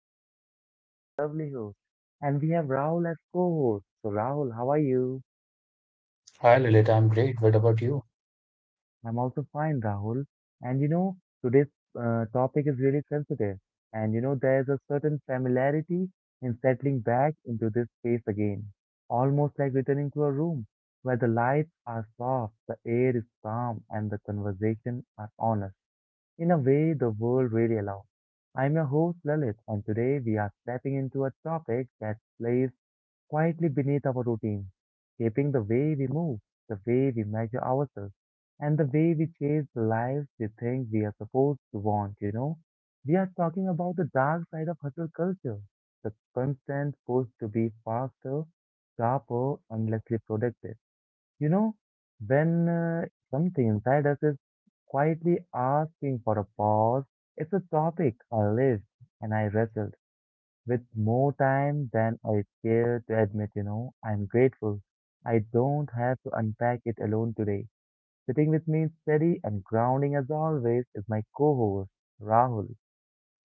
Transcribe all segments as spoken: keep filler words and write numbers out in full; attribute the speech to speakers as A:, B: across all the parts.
A: name is Lalit, your lovely host, and we have Rahul as co-host. So Rahul, how are you?
B: Hi Lilith, I'm great. What about you?
A: I'm also fine, Rahul. And you know, today's uh, topic is really sensitive, and you know, there's a certain familiarity in settling back into this space again, almost like returning to a room where the lights are soft, the air is calm, and the conversation are honest, in a way the world really allows. I'm your host Lalit, and today we are stepping into a topic that plays quietly beneath our routine, shaping the way we move, the way we measure ourselves, and the way we chase the lives we think we are supposed to want, you know. We are talking about the dark side of hustle culture, the constant push to be faster, sharper, and less productive, you know, when uh, something inside us is quietly asking for a pause. It's a topic I lived and I wrestled with more time than I care to admit, you know. I'm grateful I don't have to unpack it alone today. Sitting with me, steady and grounding as always, is my co-host, Rahul,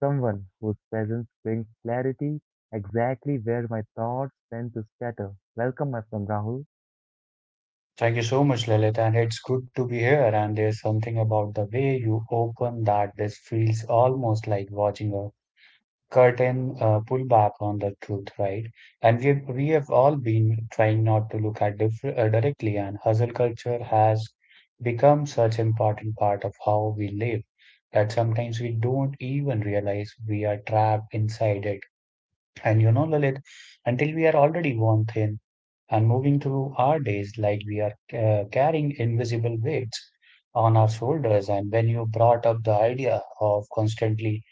A: someone whose presence brings clarity exactly where my thoughts tend to scatter. Welcome, my friend Rahul.
B: Thank you so much, Lilith, and it's good to be here. And there's something about the way you open that this feels almost like watching a curtain uh, pull back on the truth, right? And we we have all been trying not to look at diff uh, directly, and hustle culture has become such important part of how we live that sometimes we don't even realize we are trapped inside it. And you know, Lilith, until we are already worn thin and moving through our days like we are uh, carrying invisible weights on our shoulders. And when you brought up the idea of constantly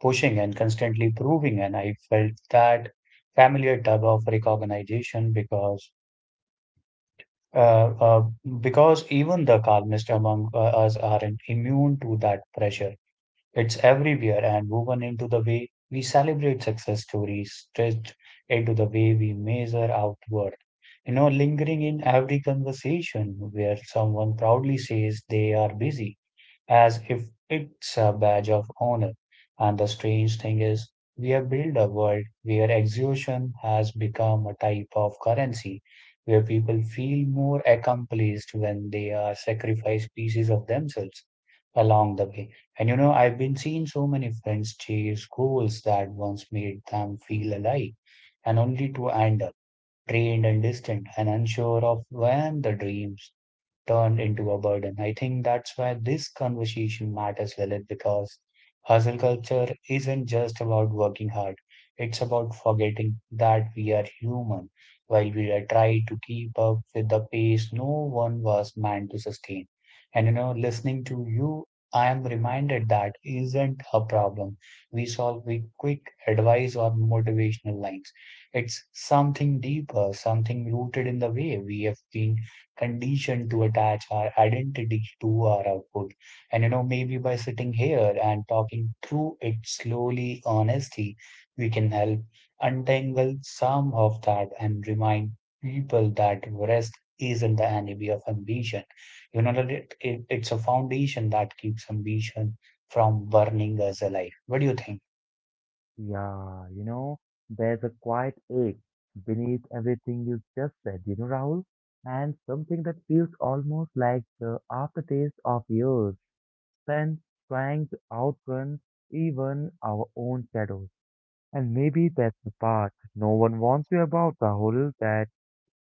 B: pushing and constantly proving, and I felt that familiar tug of recognition because. Uh, uh, because even the calmest among uh, us aren't immune to that pressure. It's everywhere and woven into the way we celebrate success stories, stitched into the way we measure our worth. You know, lingering in every conversation where someone proudly says they are busy as if it's a badge of honor. And the strange thing is, we have built a world where exhaustion has become a type of currency, where people feel more accomplished when they are sacrificed pieces of themselves along the way. And you know, I've been seeing so many friends chase goals that once made them feel alive, and only to end up drained and distant and unsure of when the dreams turned into a burden. I think that's why this conversation matters, Lilith, because hustle culture isn't just about working hard. It's about forgetting that we are human while we are trying to keep up with the pace no one was meant to sustain. And you know, listening to you, I am reminded that isn't a problem we solve with quick advice or motivational lines. It's something deeper, something rooted in the way we have been conditioned to attach our identity to our output. And you know, maybe by sitting here and talking through it slowly, honestly, we can help untangle some of that and remind people that rest isn't the enemy of ambition. You know that it, it, it's a foundation that keeps ambition from burning us alive. What do you think?
A: Yeah, you know, there's a quiet ache beneath everything you just said, you know, Rahul, and something that feels almost like the aftertaste of years spent trying to outrun even our own shadows. And maybe that's the part no one warns you about, Rahul, that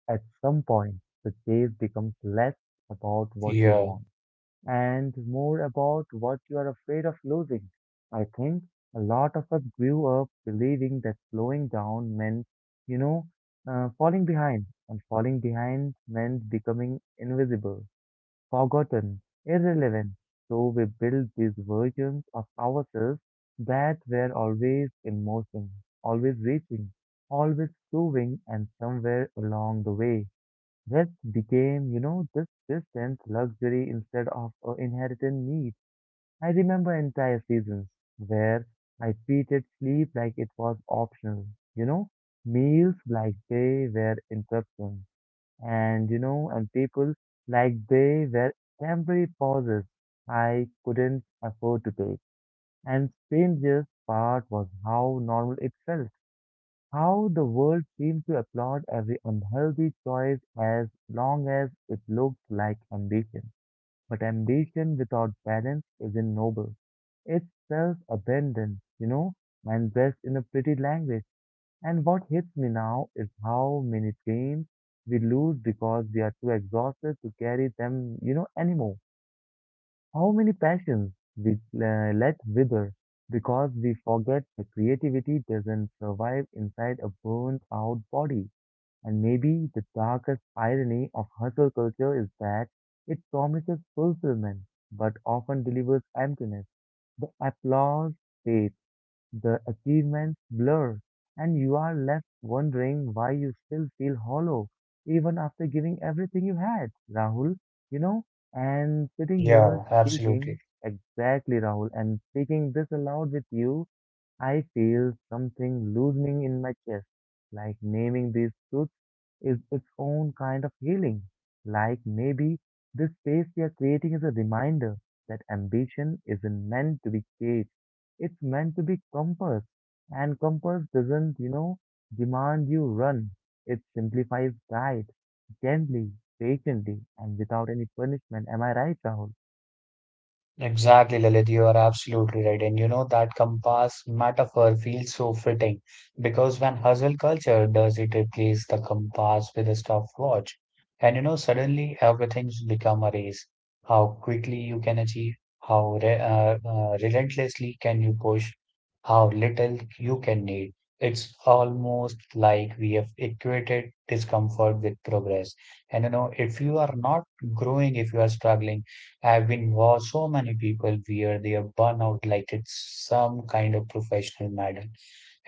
A: at some point the chase becomes less about what you
B: Yeah,
A: want and more about what you are afraid of losing. I think a lot of us grew up believing that slowing down meant, you know, uh, falling behind, and falling behind meant becoming invisible, forgotten, irrelevant. So we built these versions of ourselves that were always in motion, always reaching, always proving, and somewhere along the way, rest became, you know, this distant luxury instead of an inherited need. I remember entire seasons where I treated sleep like it was optional, you know, meals like they were interruptions, and, you know, and people like they were temporary pauses I couldn't afford to take. And strangest part was how normal it felt. How the world seemed to applaud every unhealthy choice as long as it looked like ambition. But ambition without balance isn't noble. It's self-abandon, you know, and dressed in a pretty language. And what hits me now is how many dreams we lose because we are too exhausted to carry them, you know, anymore. How many passions we uh, let wither because we forget the creativity doesn't survive inside a burnt out body. And maybe the darkest irony of hustle culture is that it promises fulfillment but often delivers emptiness. The applause fades, the achievements blur, and you are left wondering why you still feel hollow even after giving everything you had, Rahul. You know, and sitting here
B: yeah,
A: speaking,
B: absolutely.
A: exactly, Rahul, and speaking this aloud with you, I feel something loosening in my chest, like naming these truths is its own kind of healing. Like maybe this space we are creating is a reminder that ambition isn't meant to be caged. It's meant to be compassed. And compass doesn't, you know, demand you run. It simplifies guide, gently, patiently, and without any punishment. Am I right, Rahul?
B: Exactly, Lilith, you are absolutely right. And you know, that compass metaphor feels so fitting because when hustle culture does it replace the compass with a stopwatch. And you know, suddenly everything's become a race. How quickly you can achieve, how re uh, uh, relentlessly can you push, how little you can need. It's almost like we have equated discomfort with progress. And you know, if you are not growing, if you are struggling, I've been watched so many people wear their burnout like it's some kind of professional medal,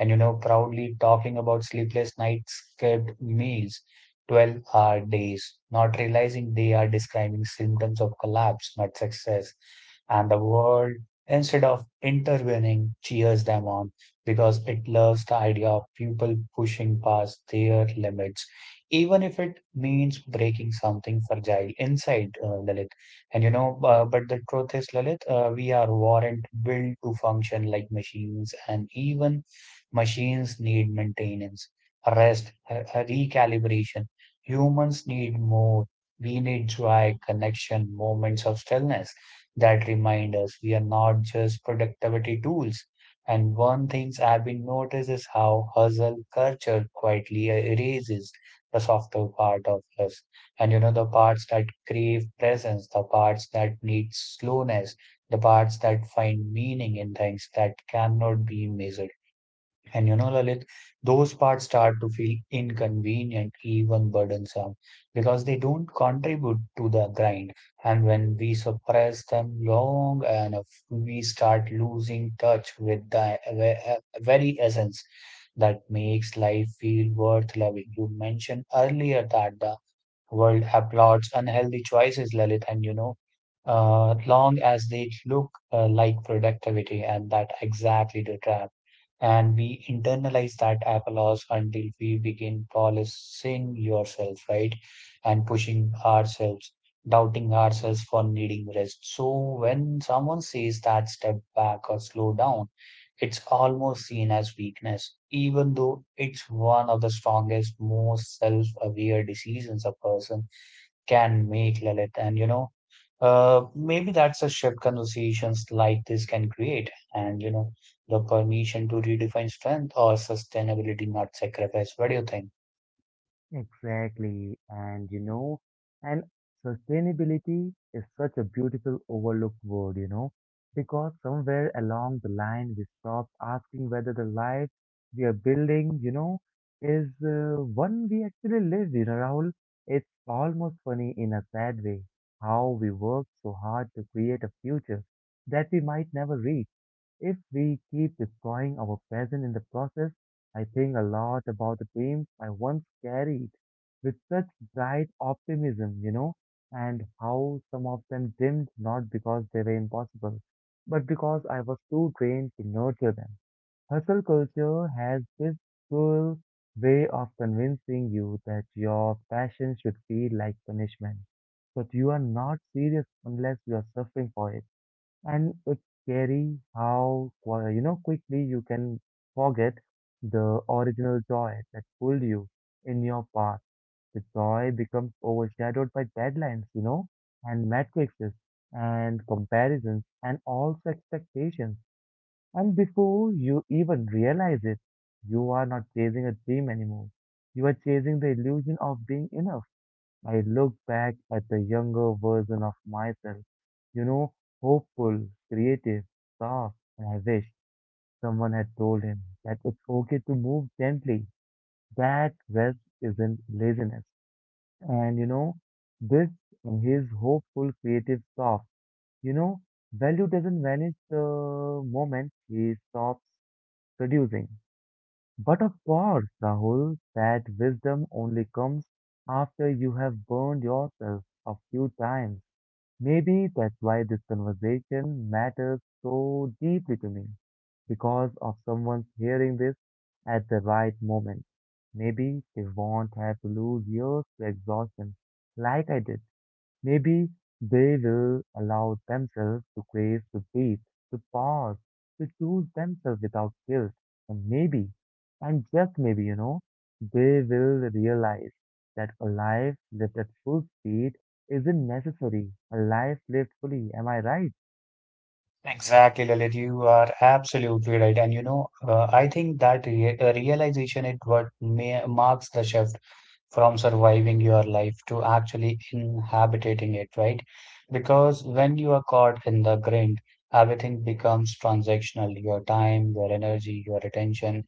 B: and you know proudly talking about sleepless nights, skipped meals, twelve-hour days, not realizing they are describing symptoms of collapse, not success. And the world, instead of intervening, cheers them on because it loves the idea of people pushing past their limits, even if it means breaking something fragile inside, uh, Lalit. And you know, uh, but the truth is, Lalit, uh, we are weren't built to function like machines, and even machines need maintenance, rest, recalibration. Humans need more. We need joy, connection, moments of stillness that remind us we are not just productivity tools. And one thing I've been noticed is how hustle culture quietly erases the softer part of us. And you know, the parts that crave presence, the parts that need slowness, the parts that find meaning in things that cannot be measured. And you know, Lalit, those parts start to feel inconvenient, even burdensome, because they don't contribute to the grind. And when we suppress them long enough, we start losing touch with the ve- uh, very essence that makes life feel worth loving. You mentioned earlier that the world applauds unhealthy choices, Lalit, and you know, uh, long as they look uh, like productivity, and that exactly the trap and we internalize that applause until we begin policing yourself, right? And pushing ourselves, doubting ourselves for needing rest. So when someone says that step back or slow down, it's almost seen as weakness, even though it's one of the strongest, most self aware decisions a person can make, Lalit. And you know, uh, maybe that's a shift conversations like this can create. And you know, the permission to redefine strength or sustainability, not sacrifice. What do you think?
A: Exactly. And you know, and sustainability is such a beautiful overlooked word, you know, because somewhere along the line we stop asking whether the life we are building, you know, is uh, one we actually live, you know, Rahul. It's almost funny in a sad way how we work so hard to create a future that we might never reach if we keep destroying our present in the process. I think a lot about the dreams I once carried with such bright optimism, you know, and how some of them dimmed not because they were impossible, but because I was too drained to nurture them. Hustle culture has this cruel way of convincing you that your passion should feel like punishment, but you are not serious unless you are suffering for it. And it's scary how, qui- you know, quickly you can forget the original joy that pulled you in your path. The joy becomes overshadowed by deadlines, you know, and matrices and comparisons and also expectations. And before you even realize it, you are not chasing a dream anymore. You are chasing the illusion of being enough. I look back at the younger version of myself, you know, hopeful, creative, soft, and I wish someone had told him that it's okay to move gently, that rest isn't laziness. And you know, this and his hopeful, creative, soft, you know, value doesn't vanish the moment he stops producing. But of course, Rahul, that wisdom only comes after you have burned yourself a few times. Maybe that's why this conversation matters so deeply to me, because of someone hearing this at the right moment. Maybe they won't have to lose years to exhaustion like I did. Maybe they will allow themselves to grace, to breathe, to pause, to choose themselves without guilt. And maybe, and just maybe, you know, they will realize that a life lived at full speed isn't necessary. A life lived fully, am I right?
B: Exactly, Lalit. You are absolutely right. And you know, uh, I think that re uh, realization is what may marks the shift from surviving your life to actually inhabiting it, right? Because when you are caught in the grind, everything becomes transactional. Your time, your energy, your attention,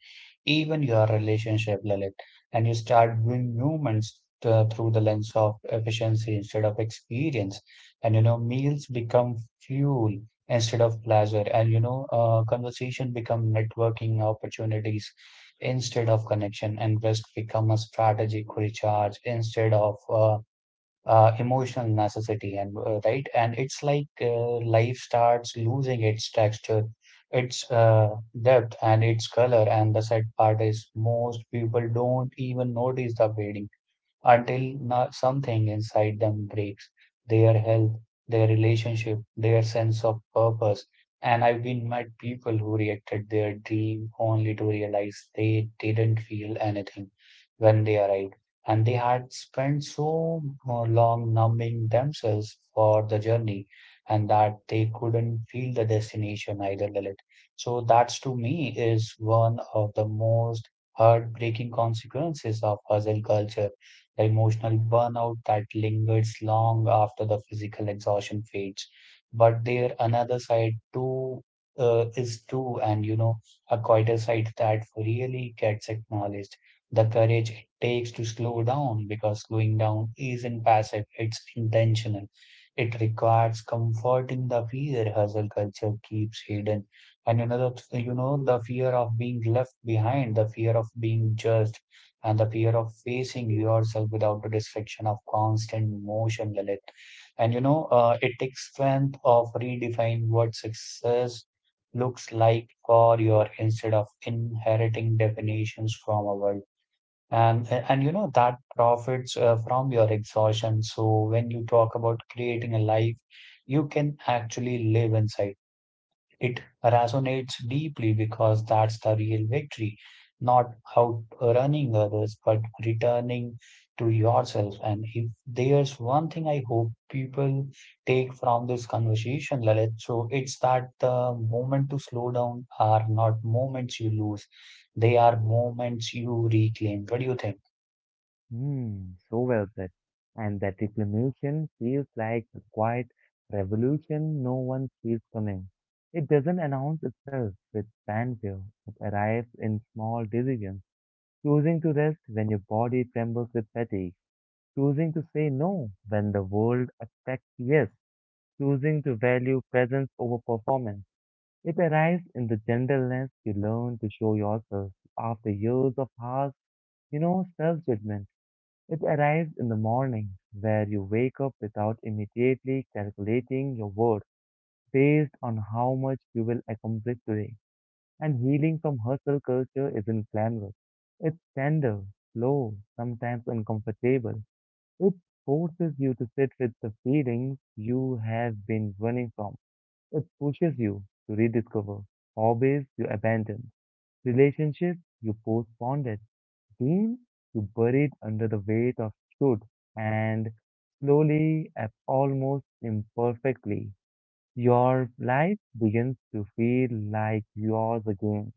B: even your relationship, Lalit. And you start viewing humans uh, through the lens of efficiency instead of experience. And you know, meals become fuel instead of pleasure, and you know uh, conversation become networking opportunities instead of connection, and rest become a strategic recharge instead of uh, uh, emotional necessity, and uh, right, and it's like uh, life starts losing its texture, its uh, depth and its color, and the sad part is most people don't even notice the fading until no- something inside them breaks, their health, their relationship, their sense of purpose. And I've been met people who reacted their dream only to realize they didn't feel anything when they arrived. And they had spent so long numbing themselves for the journey and that they couldn't feel the destination either, Lalit. So that's to me is one of the most heartbreaking consequences of hustle culture, the emotional burnout that lingers long after the physical exhaustion fades. But there another side too uh, is too, and you know, a quieter side that really gets acknowledged. The courage it takes to slow down because slowing down isn't passive, it's intentional. It requires comforting the fear hustle culture keeps hidden. And another, you know, the fear of being left behind, the fear of being judged, and the fear of facing yourself without the distraction of constant motion, Lalit. And you know, uh, it takes strength of redefine what success looks like for your instead of inheriting definitions from a world. And and you know that profits uh, from your exhaustion. So when you talk about creating a life, you can actually live inside. It resonates deeply because that's the real victory, not outrunning others, but returning to yourself. And if there's one thing I hope people take from this conversation, Lalit, so it's that the moment to slow down are not moments you lose, they are moments you reclaim. What do you think?
A: Hmm, so well said. And that reclamation feels like a quiet revolution no one sees coming. It doesn't announce itself with fanfare. It arrives in small decisions, choosing to rest when your body trembles with fatigue, choosing to say no when the world expects yes, choosing to value presence over performance. It arrives in the gentleness you learn to show yourself after years of harsh, you know, self-judgment. It arrives in the morning, where you wake up without immediately calculating your worth based on how much you will accomplish today. And healing from hustle culture isn't glamorous. It's tender, slow, sometimes uncomfortable. It forces you to sit with the feelings you have been running from. It pushes you to rediscover hobbies you abandoned, relationships you postponed, seen you buried under the weight of truth, and slowly, a- almost imperfectly, your life begins to feel like yours again.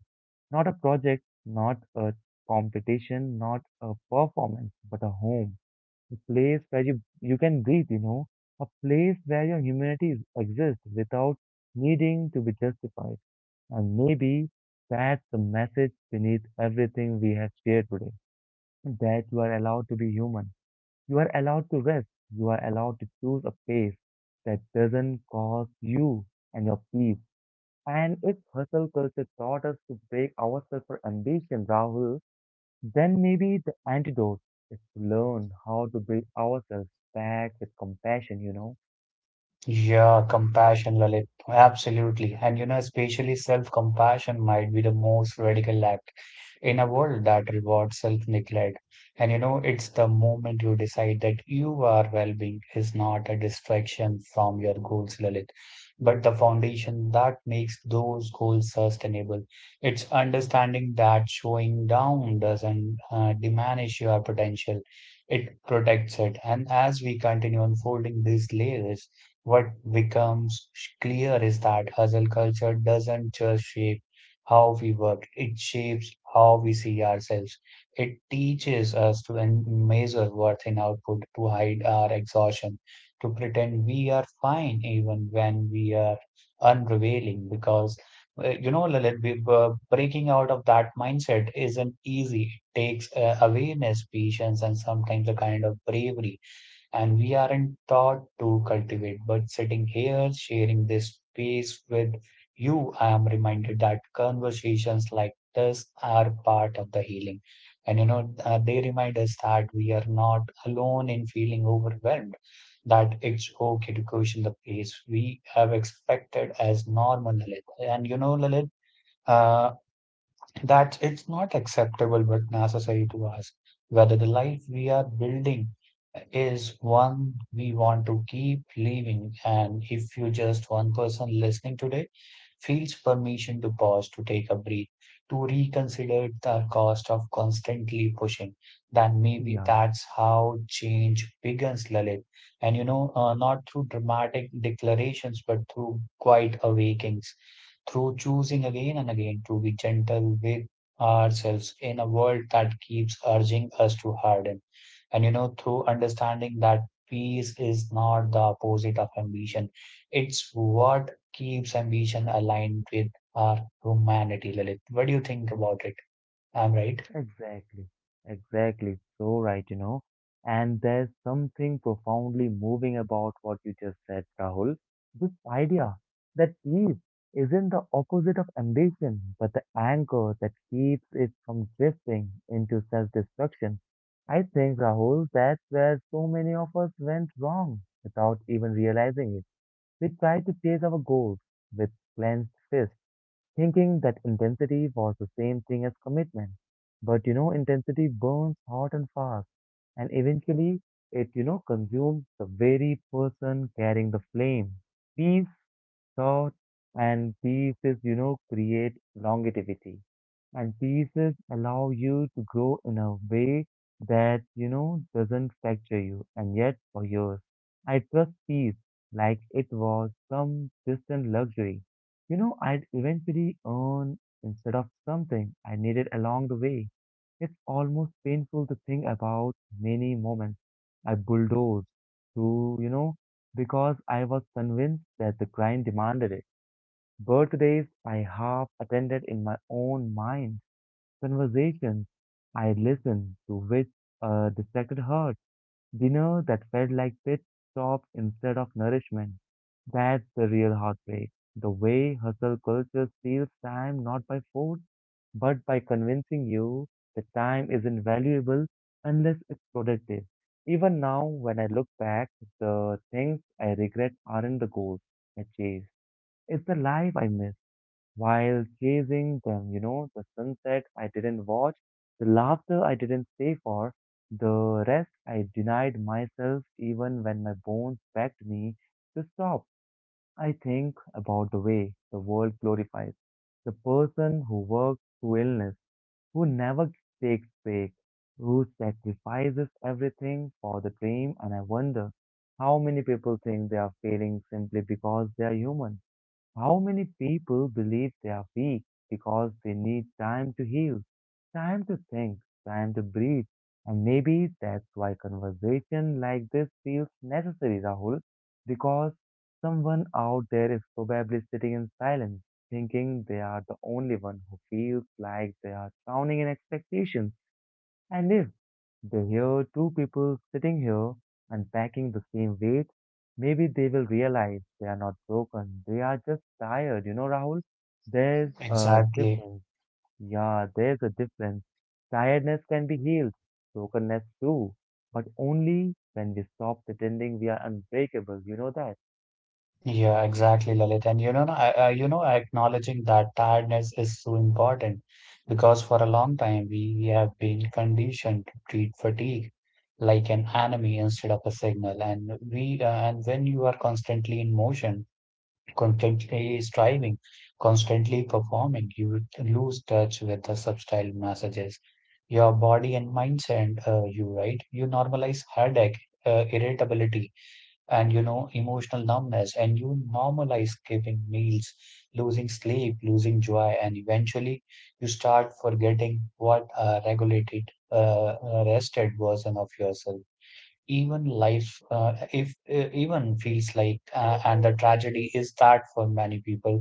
A: Not a project, not a competition, not a performance, but a home, a place where you, you can breathe, you know, a place where your humanity is- exists without needing to be justified. And maybe that's the message beneath everything we have shared today, that you are allowed to be human. You are allowed to rest. You are allowed to choose a pace that doesn't cost you and your peace. And if hustle culture taught us to break ourselves for ambition, Rahul, then maybe the antidote is to learn how to break ourselves back with compassion, you know?
B: Yeah, compassion, Lalit. Absolutely. And you know, especially self-compassion might be the most radical act in a world that rewards self-neglect. And you know, it's the moment you decide that your well-being is not a distraction from your goals, Lalit, but the foundation that makes those goals sustainable. It's understanding that showing down doesn't uh, diminish your potential. It protects it. And as we continue unfolding these layers, what becomes clear is that hustle culture doesn't just shape how we work, it shapes how we see ourselves. It teaches us to en- measure worth in output, to hide our exhaustion, to pretend we are fine even when we are unrevealing, because uh, you know, Lalit, we, uh, breaking out of that mindset isn't easy. It takes uh, awareness, patience, and sometimes a kind of bravery and we aren't taught to cultivate. But sitting here, sharing this space with you, I am reminded that conversations like this are part of the healing. And you know, uh, they remind us that we are not alone in feeling overwhelmed, that it's okay to question the pace we have expected as normal, Lalit. And you know, Lalit. Uh, that it's not acceptable but necessary to ask whether the life we are building is one we want to keep living. And if you just one person listening today feels permission to pause, to take a breath, to reconsider the
A: Yeah,
B: cost of constantly pushing, then maybe that's how change begins, Lalit. And you know, uh, not through dramatic declarations, but through quiet awakings, through choosing again and again to be gentle with ourselves in a world that keeps urging us to harden. And you know, through understanding that peace is not the opposite of ambition, it's what keeps ambition aligned with our humanity, Lilith. What do you think about it? I'm right.
A: exactly, exactly. So right, you know. And there's something profoundly moving about what you just said, Rahul. This idea that peace isn't the opposite of ambition, but the anchor that keeps it from drifting into self-destruction. I think, Rahul, that's where so many of us went wrong without even realizing it. We tried to chase our goals with clenched fists, thinking that intensity was the same thing as commitment. But you know, intensity burns hot and fast, and eventually it, you know, consumes the very person carrying the flame. Peace so, and pieces, you know, create longevity. And pieces allow you to grow in a way that, you know, doesn't fracture you. And yet, for years, I trust peace like it was some distant luxury, you know, I'd eventually earn instead of something I needed along the way. It's almost painful to think about many moments I bulldozed through, you know, because I was convinced that the grind demanded it. Birthdays I half attended in my own mind, conversations I listened to which uh, distracted her, dinner that felt like pit stop instead of nourishment. That's the real heartbreak. The way hustle culture steals time not by force, but by convincing you that time isn't valuable unless it's productive. Even now, when I look back, the things I regret aren't the goals I chased. It's the life I miss while chasing them, you know, the sunset I didn't watch, the laughter I didn't stay for, the rest I denied myself even when my bones begged me to stop. I think about the way the world glorifies the person who works through illness, who never takes break, who sacrifices everything for the dream, and I wonder how many people think they are failing simply because they are human, how many people believe they are weak because they need time to heal, time to think, time to breathe? And maybe that's why conversation like this feels necessary, Rahul, because someone out there is probably sitting in silence, thinking they are the only one who feels like they are drowning in expectations. I live. They hear two people sitting here unpacking the same weight. Maybe they will realize they are not broken. They are just tired. You know, Rahul, there's a
B: Exactly.
A: difference. Yeah, there's a difference. Tiredness can be healed, brokenness too, but only when we stop pretending we are unbreakable. You know that?
B: Yeah, exactly, Lalit. And you know, I, I, you know, acknowledging that tiredness is so important because for a long time we have been conditioned to treat fatigue like an enemy instead of a signal. And we, uh, and when you are constantly in motion, constantly striving, constantly performing, you would lose touch with the subtle messages. Your body and mind send uh, you, right? You normalize headache, uh, irritability, and you know emotional numbness, and you normalize skipping meals, losing sleep, losing joy, and eventually you start forgetting what a regulated uh, uh, rested version of yourself even life uh, if uh, even feels like uh, and the tragedy is that for many people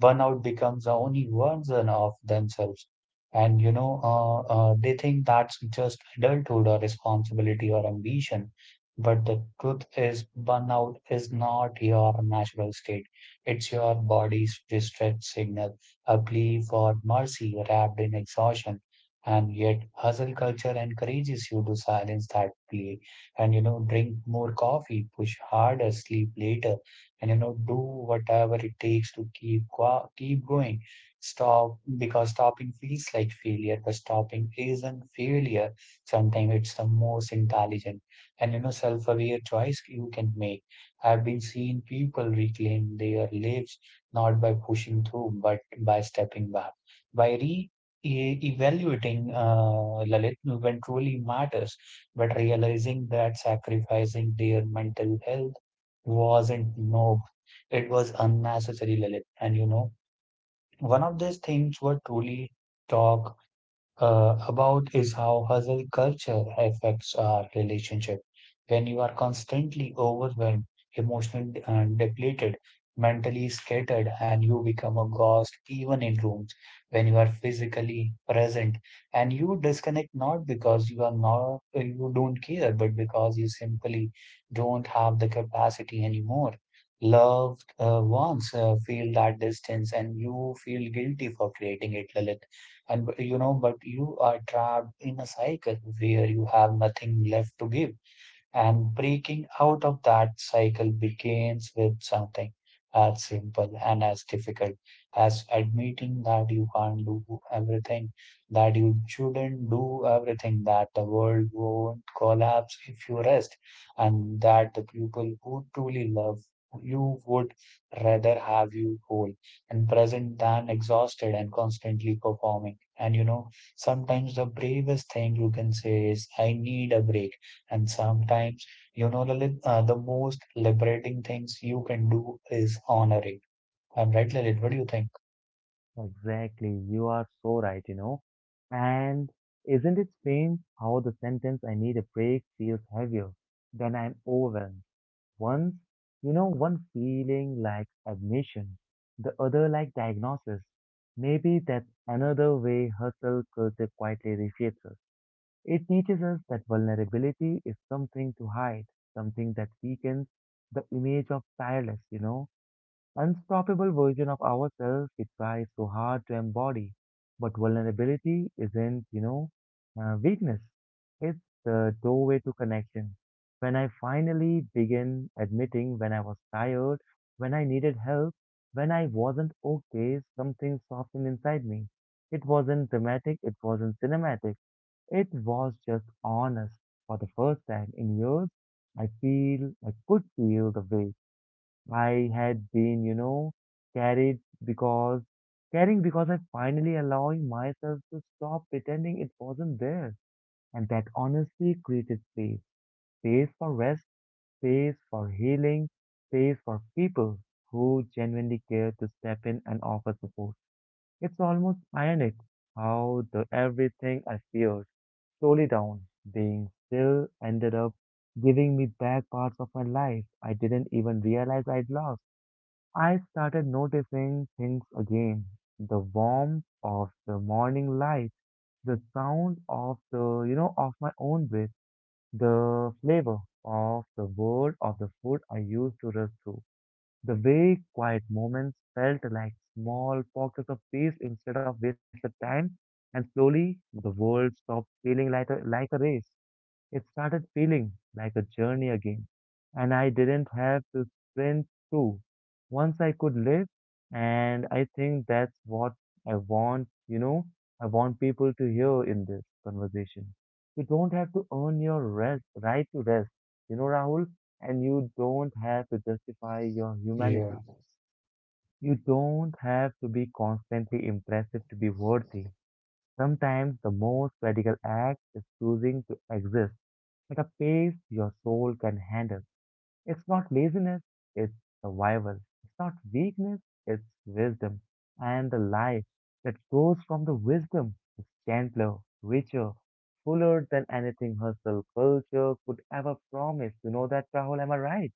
B: burnout becomes the only version of themselves. And you know uh, uh, they think that's just adulthood or responsibility or ambition, but the truth is burnout is not your natural state. It's your body's distress signal, a plea for mercy wrapped in exhaustion. And yet hustle culture encourages you to silence that plea, and you know drink more coffee, push harder, sleep later, and you know do whatever it takes to keep go- keep going. Stop, because stopping feels like failure, but stopping isn't failure. Sometimes it's the most intelligent and you know self-aware choice you can make. I've been seeing people reclaim their lives, not by pushing through but by stepping back, by re e- evaluating uh, Lalit, when truly matters, but realizing that sacrificing their mental health wasn't noble. It was unnecessary, Lilith. And you know, one of these things were truly talk uh, about is how hustle culture affects our relationship. When you are constantly overwhelmed, emotionally uh, depleted, mentally scattered, and you become a ghost even in rooms when you are physically present, and you disconnect, not because you are not you don't care, but because you simply don't have the capacity anymore. Loved uh, ones uh, feel that distance, and you feel guilty for creating it, Lalit. And you know but you are trapped in a cycle where you have nothing left to give, and breaking out of that cycle begins with something as simple and as difficult as admitting that you can't do everything, that you shouldn't do everything, that the world won't collapse if you rest, and that the people who truly love you would rather have you whole and present than exhausted and constantly performing. And you know, sometimes the bravest thing you can say is, I need a break. And sometimes, you know, Lalit, uh, the most liberating things you can do is honor it. I'm right, Lalit. What do you think?
A: Exactly. You are so right, you know. And isn't it strange how the sentence I need a break feels heavier than I'm overwhelmed? One's, you know, one feeling like admission, the other like diagnosis. Maybe that's another way hustle culture quietly reshapes us. It teaches us that vulnerability is something to hide, something that weakens the image of tireless, you know unstoppable version of ourselves we try so hard to embody. But vulnerability isn't, you know, uh, weakness. It's the doorway to connection. When I finally began admitting when I was tired, when I needed help, when I wasn't okay, something softened inside me. It wasn't dramatic, it wasn't cinematic, it was just honest. For the first time in years, I feel I could feel the weight I had been, you know, carried because caring because I finally allowing myself to stop pretending it wasn't there. And that honestly created space. Space for rest, space for healing, space for people who genuinely care to step in and offer support. It's almost ironic how the everything I feared slowly down, being still ended up giving me back parts of my life I didn't even realize I'd lost. I started noticing things again. The warmth of the morning light, the sound of the, you know, of my own breath, the flavor of the word of the food I used to rush through. The way quiet moments felt like small pockets of peace instead of wasted time, and slowly the world stopped feeling like a, like a race. It started feeling like a journey again, and I didn't have to sprint through. Once I could live, and I think that's what I want, you know, I want people to hear in this conversation. You don't have to earn your rest, right to rest, you know, Rahul, and you don't have to justify your
B: Yeah,
A: humanity. You don't have to be constantly impressive to be worthy. Sometimes the most radical act is choosing to exist at a pace your soul can handle. It's not laziness, it's survival. It's not weakness, it's wisdom. And the life that grows from the wisdom is gentler, richer, fuller than anything hustle culture could ever promise. You know that, Rahul, am I right?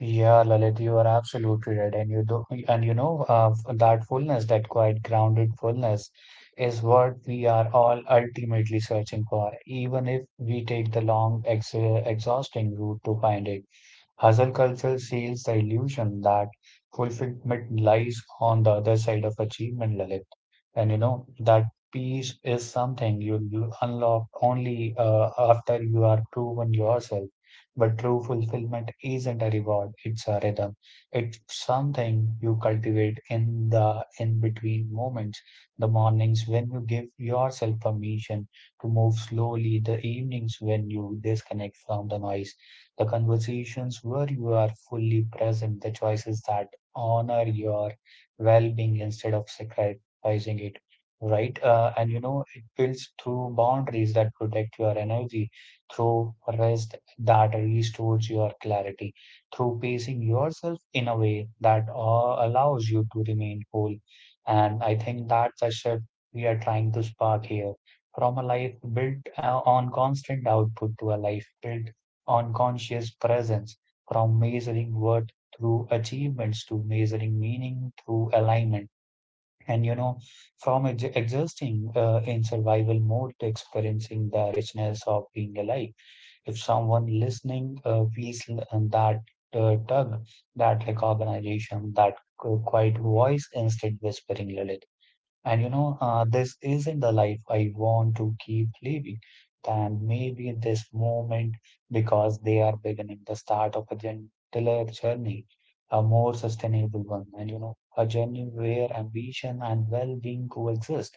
B: yeah, Lalit, you are absolutely right. And you do, and you know, uh, that fullness, that quiet, grounded fullness, is what we are all ultimately searching for, even if we take the long, ex exhausting route to find it. Hustle culture seals the illusion that fulfillment lies on the other side of achievement, Lalit. and you know that peace is something you you unlock only uh, after you are proven yourself, but true fulfillment isn't a reward, it's a rhythm. It's something you cultivate in the in between moments, the mornings when you give yourself permission to move slowly, the evenings when you disconnect from the noise, the conversations where you are fully present, the choices that honor your well-being instead of sacrifice pricing it, right? Uh, and you know, it builds through boundaries that protect your energy, through rest that restores your clarity, through pacing yourself in a way that uh, allows you to remain whole. And I think that's a shift we are trying to spark here, from a life built uh, on constant output to a life built on conscious presence, from measuring worth through achievements to measuring meaning through alignment, and you know from ex- exhausting uh, in survival mode to experiencing the richness of being alive. If someone listening uh, feels l- and that uh, tug, that recognition, that qu- quiet voice instead whispering lullaby, and you know, uh, this isn't the life I want to keep living. And maybe in this moment, because they are beginning the start of a gentler journey, a more sustainable one, and you know, a journey where ambition and well-being coexist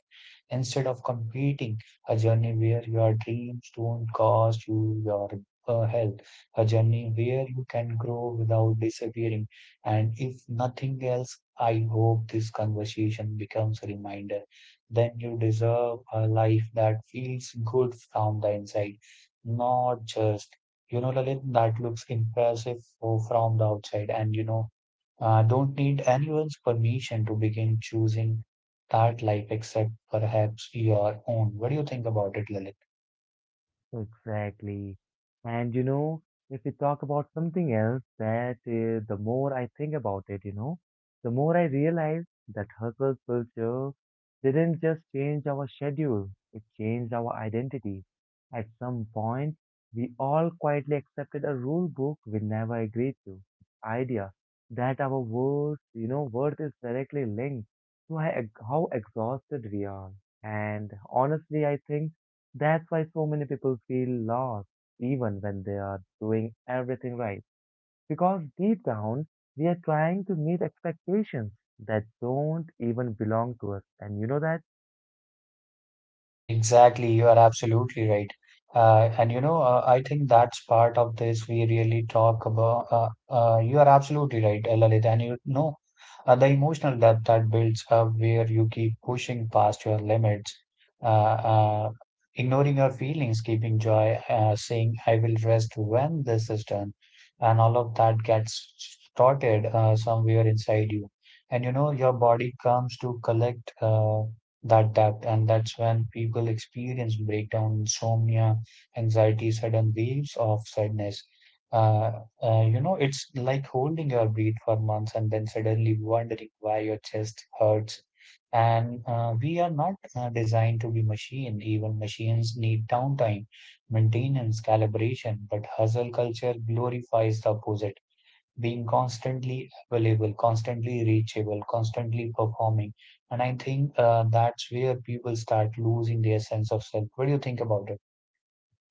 B: instead of competing, a journey where your dreams don't cost you your uh, health, a journey where you can grow without disappearing. And if nothing else, I hope this conversation becomes a reminder. Then you deserve a life that feels good from the inside, not just, you know, Lalit, that looks impressive for, from the outside. And, you know, uh, don't need anyone's permission to begin choosing that life except perhaps your own. What do you think about it, Lalit?
A: Exactly. And you know, if we talk about something else, that uh, the more I think about it, you know, the more I realize that hustle culture didn't just change our schedule, it changed our identity. At some point, we all quietly accepted a rule book we never agreed to. Idea that our worth, you know, worth is directly linked to how how exhausted we are. And honestly, I think that's why so many people feel lost even when they are doing everything right. Because deep down, we are trying to meet expectations that don't even belong to us. And you know that?
B: Exactly, you are absolutely right. Uh, and you know, uh, I think that's part of this we really talk about. Uh, uh, you are absolutely right, uh, Lalit. And you know, uh, the emotional depth that builds up where you keep pushing past your limits, uh, uh, ignoring your feelings, keeping joy, uh, saying, I will rest when this is done. And all of that gets started uh, somewhere inside you. And you know, your body comes to collect. Uh, that depth, and that's when people experience breakdown, insomnia, anxiety, sudden waves of sadness. uh, uh, you know, it's like holding your breath for months and then suddenly wondering why your chest hurts. And uh, we are not uh, designed to be machine. Even machines need downtime, maintenance, calibration, but hustle culture glorifies the opposite, being constantly available, constantly reachable, constantly performing. And I think uh, that's where people start losing their sense of self. What do you think about it?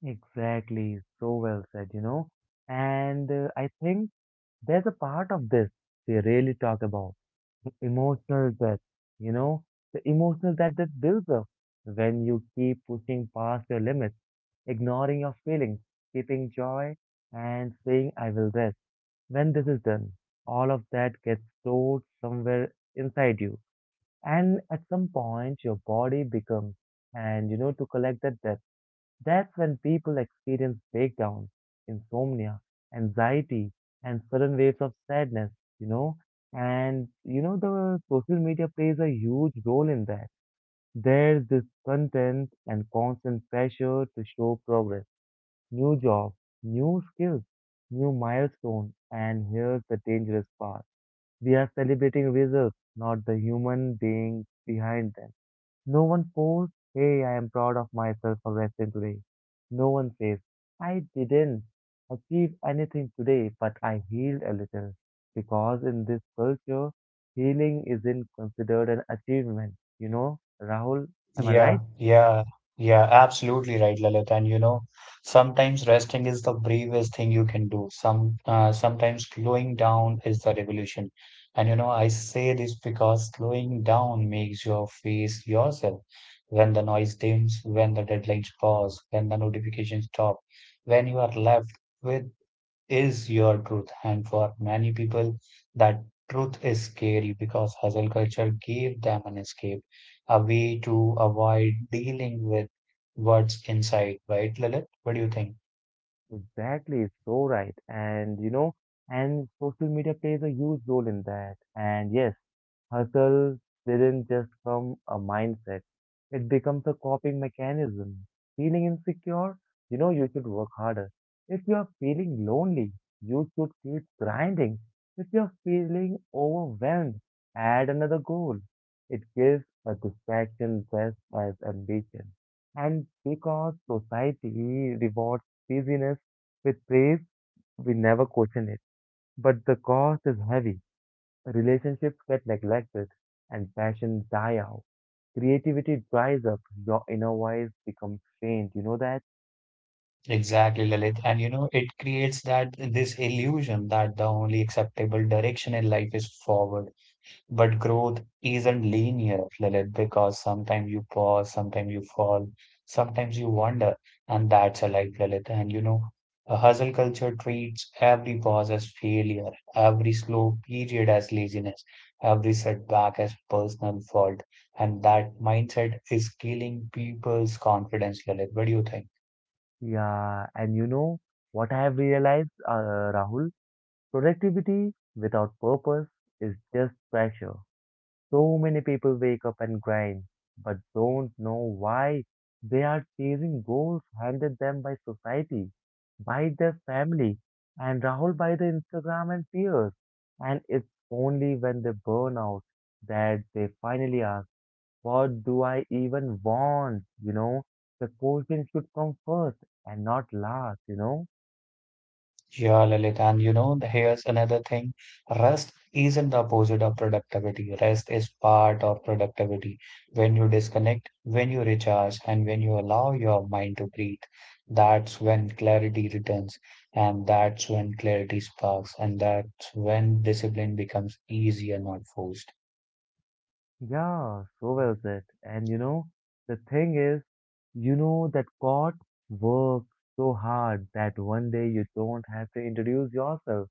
A: Exactly. So well said, you know. And uh, I think there's a part of this we really talk about. Emotional debt, you know, the emotional debt that builds up when you keep pushing past your limits, ignoring your feelings, keeping joy, and saying, I will rest. When this is done, all of that gets stored somewhere inside you. And at some point, your body becomes, and you know, to collect that debt. That's when people experience breakdowns, insomnia, anxiety, and sudden waves of sadness, you know. And you know, the social media plays a huge role in that. There's this content and constant pressure to show progress, new jobs, new skills, new milestones. And here's the dangerous part. We are celebrating results, not the human being behind them. No one pours, hey, I am proud of myself for wrestling today. No one says, I didn't achieve anything today, but I healed a little. Because in this culture, healing isn't considered an achievement. You know, Rahul, am I
B: Yeah,
A: right?
B: yeah, yeah, absolutely right, Lalit. And you know, sometimes resting is the bravest thing you can do. Some uh, sometimes slowing down is the revolution. And you know, I say this because slowing down makes your face yourself. When the noise dims, when the deadlines pause, when the notifications stop, when you are left with is your truth. And for many people, that truth is scary because hustle culture gave them an escape, a way to avoid dealing with what's inside, right, Lilith? What do you think?
A: Exactly, so right. And you know, and social media plays a huge role in that. And yes, hustle didn't just become a mindset, it becomes a coping mechanism. Feeling insecure? You know, you should work harder. If you are feeling lonely, you should keep grinding. If you are feeling overwhelmed, add another goal. It gives a distraction dressed as ambition. And because society rewards busyness with praise, we never question it. But the cost is heavy relationships get neglected, and passion die out. Creativity dries up, your inner voice becomes faint. You know that?
B: Exactly, Lilith. And you know, it creates that this illusion that the only acceptable direction in life is forward. But growth isn't linear, Lilith, because sometimes you pause, sometimes you fall, sometimes you wander, and that's a life, Lilith. And you know, a hustle culture treats every pause as failure, every slow period as laziness, every setback as personal fault, and that mindset is killing people's confidence, Lilith. What do you think?
A: Yeah, and you know what I have realized, uh, Rahul? Productivity without purpose is just pressure. So many people wake up and grind, but don't know why they are chasing goals handed them by society, by their family, and Rahul by the Instagram and peers. And it's only when they burn out that they finally ask, what do I even want? You know, the question should come first and not last, you know.
B: Yeah, Lalit, and you know, here's another thing. Rest isn't the opposite of productivity. Rest is part of productivity. When you disconnect, when you recharge, and when you allow your mind to breathe, that's when clarity returns, and that's when clarity sparks, and that's when discipline becomes easier, not forced.
A: Yeah, so well said. And you know, the thing is, you know that God works so hard that one day you don't have to introduce yourself.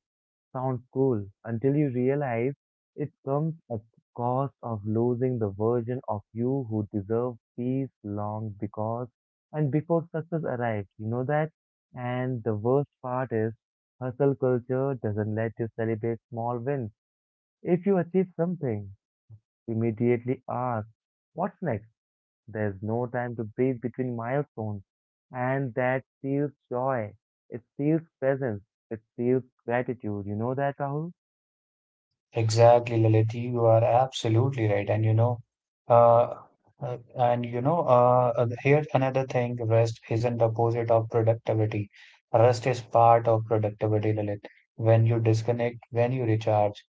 A: Sounds cool until you realize it comes at the cost of losing the version of you who deserved peace long because and before success arrives. You know that? And the worst part is, hustle culture doesn't let you celebrate small wins. If you achieve something, immediately ask, what's next? There's no time to breathe between milestones. And that steals joy. It steals presence. It steals gratitude. You know that, Rahul?
B: Exactly, Lalit. You are absolutely right. And you know, uh, uh, and you know, uh, uh, here's another thing. Rest isn't the opposite of productivity. Rest is part of productivity, Lalit. When you disconnect, when you recharge,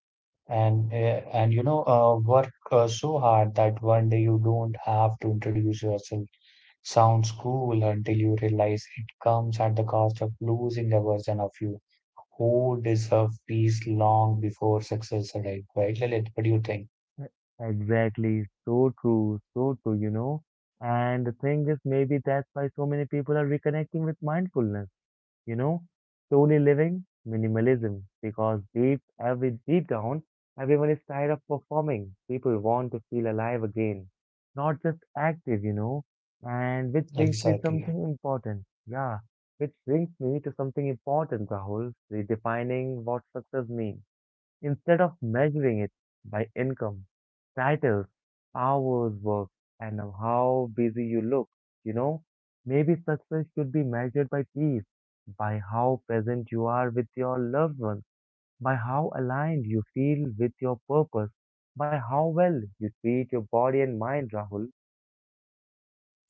B: and uh, and you know, uh, work uh, so hard that one day you don't have to introduce yourself. Sounds cool until you realize it comes at the cost of losing a version of you who deserve peace long before success arrived, right, Lalit? What do you think?
A: Exactly. So true. So true, you know? And the thing is, maybe that's why so many people are reconnecting with mindfulness you know, slowly living minimalism because deep every deep down everyone is tired of performing. People want to feel alive again, not just active, you know. And which brings me
B: Exactly.
A: something important. Yeah, which brings me to something important, Rahul, redefining what success means. Instead of measuring it by income, titles, hours worked, and how busy you look, you know, maybe success should be measured by peace, by how present you are with your loved one, by how aligned you feel with your purpose, by how well you treat your body and mind, Rahul.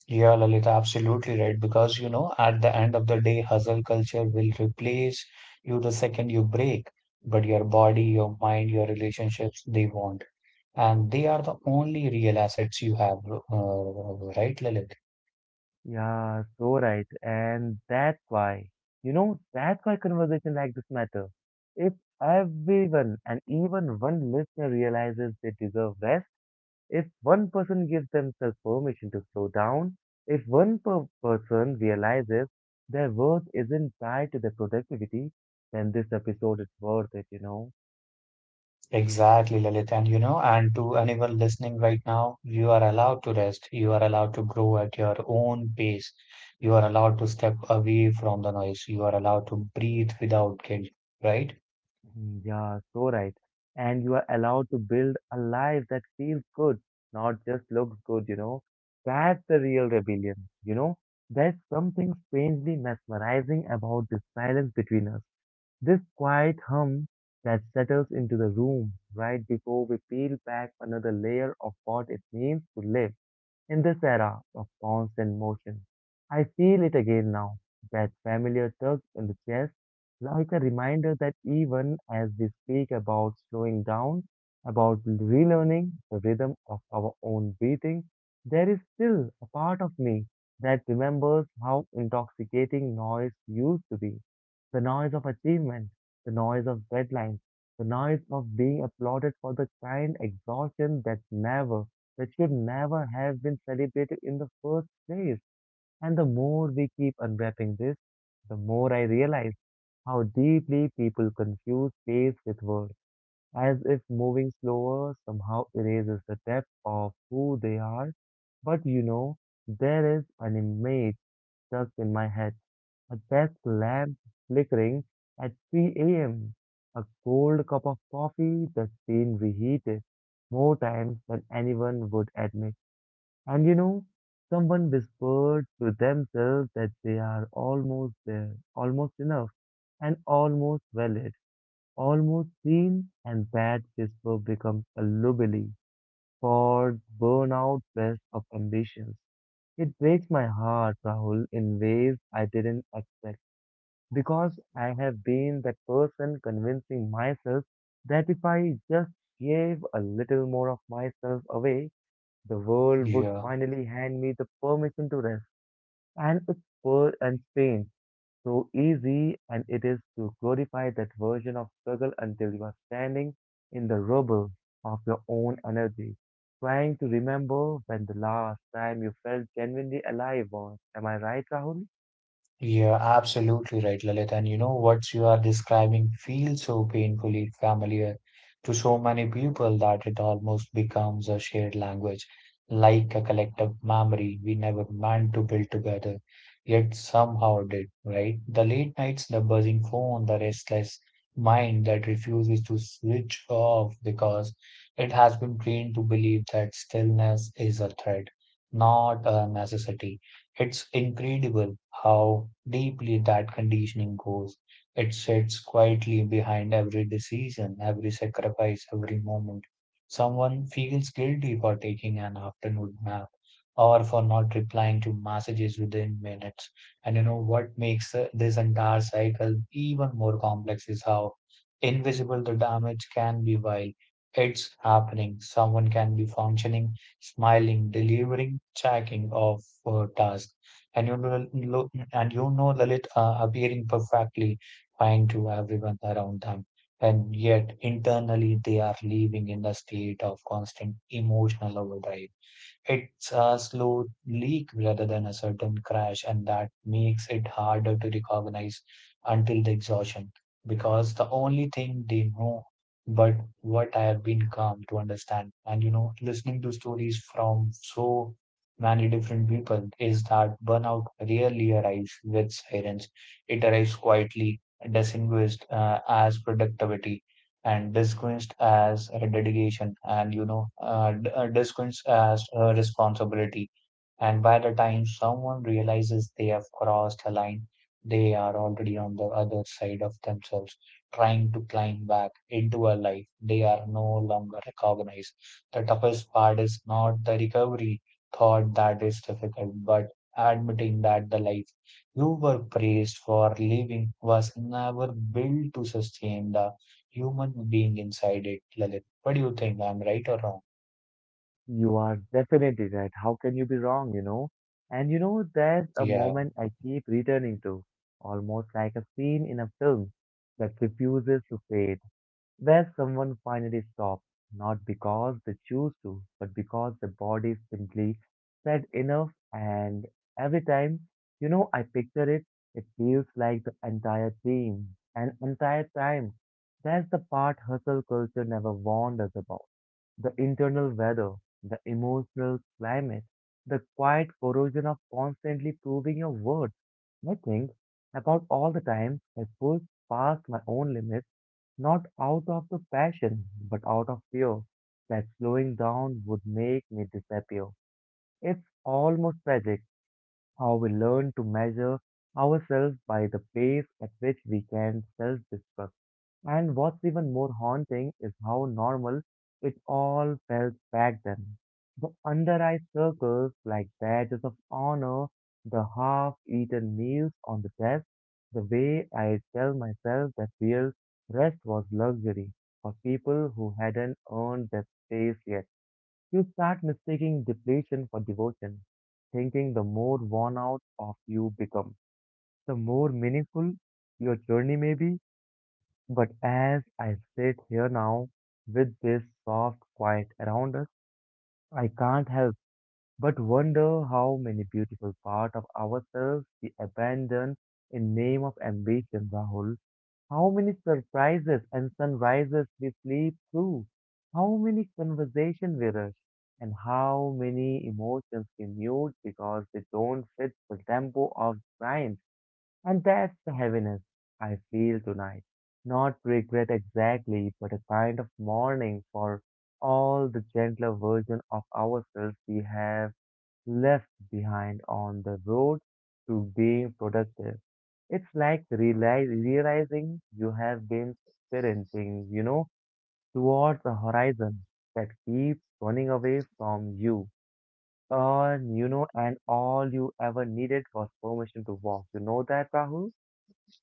B: Yeah, Lalit, absolutely right. Because, you know, at the end of the day, hustle culture will replace you the second you break. But your body, your mind, your relationships, they won't. And they are the only real assets you have, uh, right, Lalit?
A: Yeah, so right. And that's why, you know, that's why conversation like this matter. If everyone and even one listener realizes they deserve rest, if one person gives themselves permission to slow down, if one per person realizes their worth isn't tied to their productivity, then this episode is worth it, you know.
B: Exactly, Lalit. And you know, and to anyone listening right now, you are allowed to rest. You are allowed to grow at your own pace. You are allowed to step away from the noise. You are allowed to breathe without guilt, right?
A: Yeah, so right. And you are allowed to build a life that feels good, not just looks good, you know. That's the real rebellion, you know. There's something strangely mesmerizing about this silence between us, this quiet hum that settles into the room right before we peel back another layer of what it means to live. In this era of constant motion, I feel it again now, that familiar tug in the chest, like a reminder that even as we speak about slowing down, about relearning the rhythm of our own breathing, there is still a part of me that remembers how intoxicating noise used to be. The noise of achievement, the noise of deadlines, the noise of being applauded for the kind exhaustion that never that should never have been celebrated in the first place. And the more we keep unwrapping this, the more I realize how deeply people confuse place with worth, as if moving slower somehow erases the depth of who they are. But you know, there is an image stuck in my head, a desk lamp flickering at three a m, a cold cup of coffee that's been reheated more times than anyone would admit, and you know, someone whispered to themselves that they are almost there, almost enough, and almost valid, almost seen, and that whisper becomes a lullaby for burnout best of ambitions. It breaks my heart, Rahul, in ways I didn't expect because I have been that person convincing myself that if I just gave a little more of myself away, the world would
B: Yeah.
A: finally hand me the permission to rest. And it's poor and pain. So easy and it is to glorify that version of struggle until you are standing in the rubble of your own energy, trying to remember when the last time you felt genuinely alive was. Am I right, Rahul?
B: Yeah, absolutely right, Lalit. And you know what you are describing feels so painfully familiar to so many people that it almost becomes a shared language, like a collective memory we never meant to build together, yet somehow did, right? The late nights, the buzzing phone, the restless mind that refuses to switch off because it has been trained to believe that stillness is a threat, not a necessity. It's incredible how deeply that conditioning goes. It sits quietly behind every decision, every sacrifice, every moment. Someone feels guilty for taking an afternoon nap or for not replying to messages within minutes. And you know what makes uh, this entire cycle even more complex is how invisible the damage can be while it's happening. Someone can be functioning, smiling, delivering, checking off uh, task. And you know, lo- and you know Lalit, uh, appearing perfectly fine to everyone around them. And yet internally they are living in a state of constant emotional overdrive. It's a slow leak rather than a sudden crash, and that makes it harder to recognize until the exhaustion, because the only thing they know but what I have been come to understand. And you know, listening to stories from so many different people is that burnout rarely arrives with sirens. It arrives quietly, disguised uh, as productivity, and disguised as a dedication, and you know uh, d- uh, disguised as a responsibility. And by the time someone realizes they have crossed a line, they are already on the other side of themselves, trying to climb back into a life they are no longer recognized. The toughest part is not the recovery, thought that is difficult, but admitting that the life you were praised for living was never built to sustain the human being inside it, Lalit. What do you think? I'm right or wrong?
A: You are definitely right. How can you be wrong, you know? And you know, there's a
B: Yeah,
A: moment I keep returning to, almost like a scene in a film that refuses to fade, where someone finally stops, not because they choose to, but because the body simply said enough. And every time, you know, I picture it, it feels like the entire team, an entire time. That's the part hustle culture never warned us about. The internal weather, the emotional climate, the quiet corrosion of constantly proving your worth. I think about all the times I pushed past my own limits not out of the passion, but out of fear that slowing down would make me disappear. It's almost tragic how we learn to measure ourselves by the pace at which we can self destruct. And what's even more haunting is how normal it all felt back then. The under-eye circles like badges of honor, the half-eaten meals on the desk, the way I tell myself that real rest was luxury for people who hadn't earned their space yet. You start mistaking depletion for devotion, thinking the more worn out of you become, the more meaningful your journey may be. But as I sit here now, with this soft quiet around us, I can't help but wonder how many beautiful parts of ourselves we abandon in name of ambition, Rahul. How many surprises and sunrises we sleep through. How many conversations we rush. And how many emotions we mute because they don't fit the tempo of time. And that's the heaviness I feel tonight. Not regret exactly, but a kind of mourning for all the gentler version of ourselves we have left behind on the road to being productive. It's like realize, realizing you have been sprinting, you know, towards a horizon that keeps running away from you. Uh, you know, and all you ever needed was permission to walk. You know that, Rahul?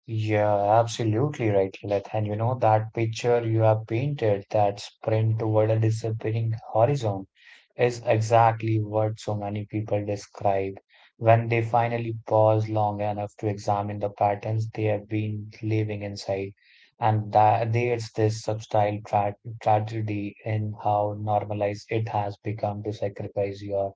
B: yeah, absolutely right, Lalit. And you know, that picture you have painted, that sprint toward a disappearing horizon, is exactly what so many people describe when they finally pause long enough to examine the patterns they have been living inside. And that there's this subtle tra tragedy in how normalized it has become to sacrifice your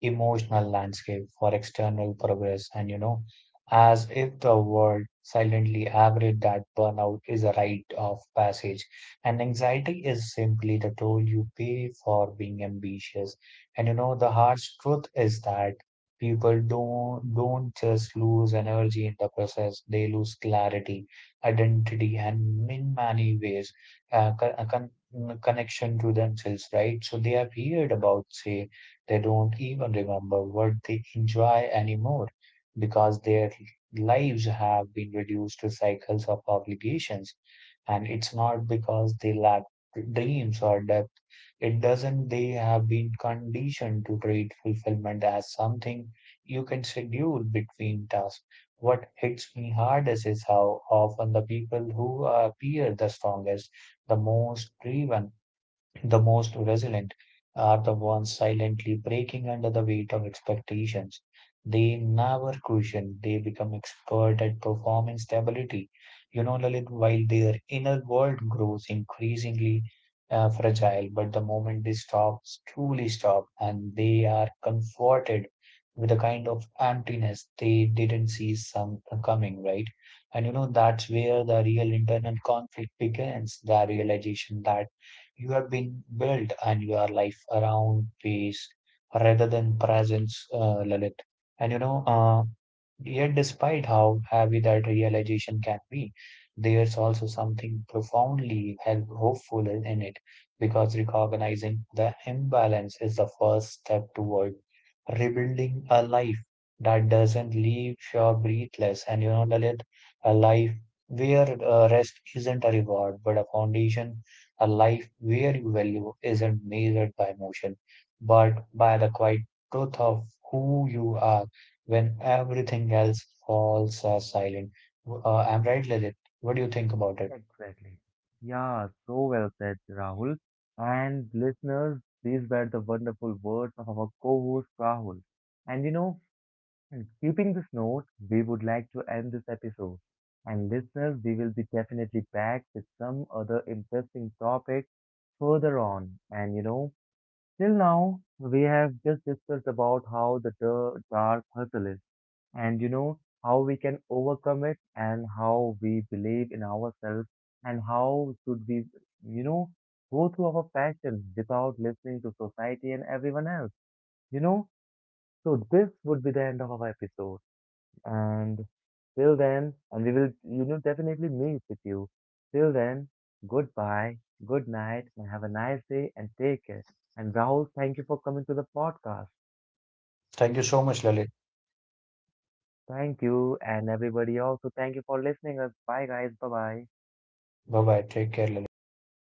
B: emotional landscape for external progress. And, you know, as if the world silently agreed that burnout is a rite of passage, and anxiety is simply the toll you pay for being ambitious. And, you know, the harsh truth is that people don't don't just lose energy in the process. They lose clarity, identity, and in many ways uh, con- con- connection to themselves, right? So they are weird about say they don't even remember what they enjoy anymore, because their lives have been reduced to cycles of obligations. And it's not because they lack dreams or depth. It doesn't, they have been conditioned to treat fulfillment as something you can schedule between tasks. What hits me hardest is how often the people who appear the strongest, the most driven, the most resilient are the ones silently breaking under the weight of expectations. They never question, they become expert at performing stability. You know, Lalit, while their inner world grows increasingly uh, fragile. But the moment they stop, truly stop, and they are comforted with a kind of emptiness they didn't see some coming, right? And you know, that's where the real internal conflict begins, the realization that you have been built and your life around pace rather than presence, uh, Lalit. And you know, uh, Yet, despite how heavy that realization can be, there's also something profoundly help- hopeful in in it, because recognizing the imbalance is the first step toward rebuilding a life that doesn't leave you breathless. And you know, Lalit, a life where uh, rest isn't a reward but a foundation, a life where your value isn't measured by emotion, but by the quiet truth of who you are when everything else falls uh, silent. Uh, I'm right, Lalit. What do you think about it?
A: Exactly. Yeah, so well said, Rahul. And listeners, these were the wonderful words of our co-host Rahul. And you know, keeping this note, we would like to end this episode. And listeners, we will be definitely back with some other interesting topic further on. And you know, till now, we have just discussed about how the dar- dark hustle is, and you know how we can overcome it and how we believe in ourselves and how should we, you know go through our passion without listening to society and everyone else, you know so this would be the end of our episode. And till then, and we will, you know definitely meet with you. Till then, goodbye, good night and have a nice day and take care. And Rahul, thank you for coming to the podcast.
B: Thank you so much, Lalit.
A: Thank you, and everybody also thank you for listening us. Bye guys, bye bye.
B: Bye bye. Take care, Lalit. Take care.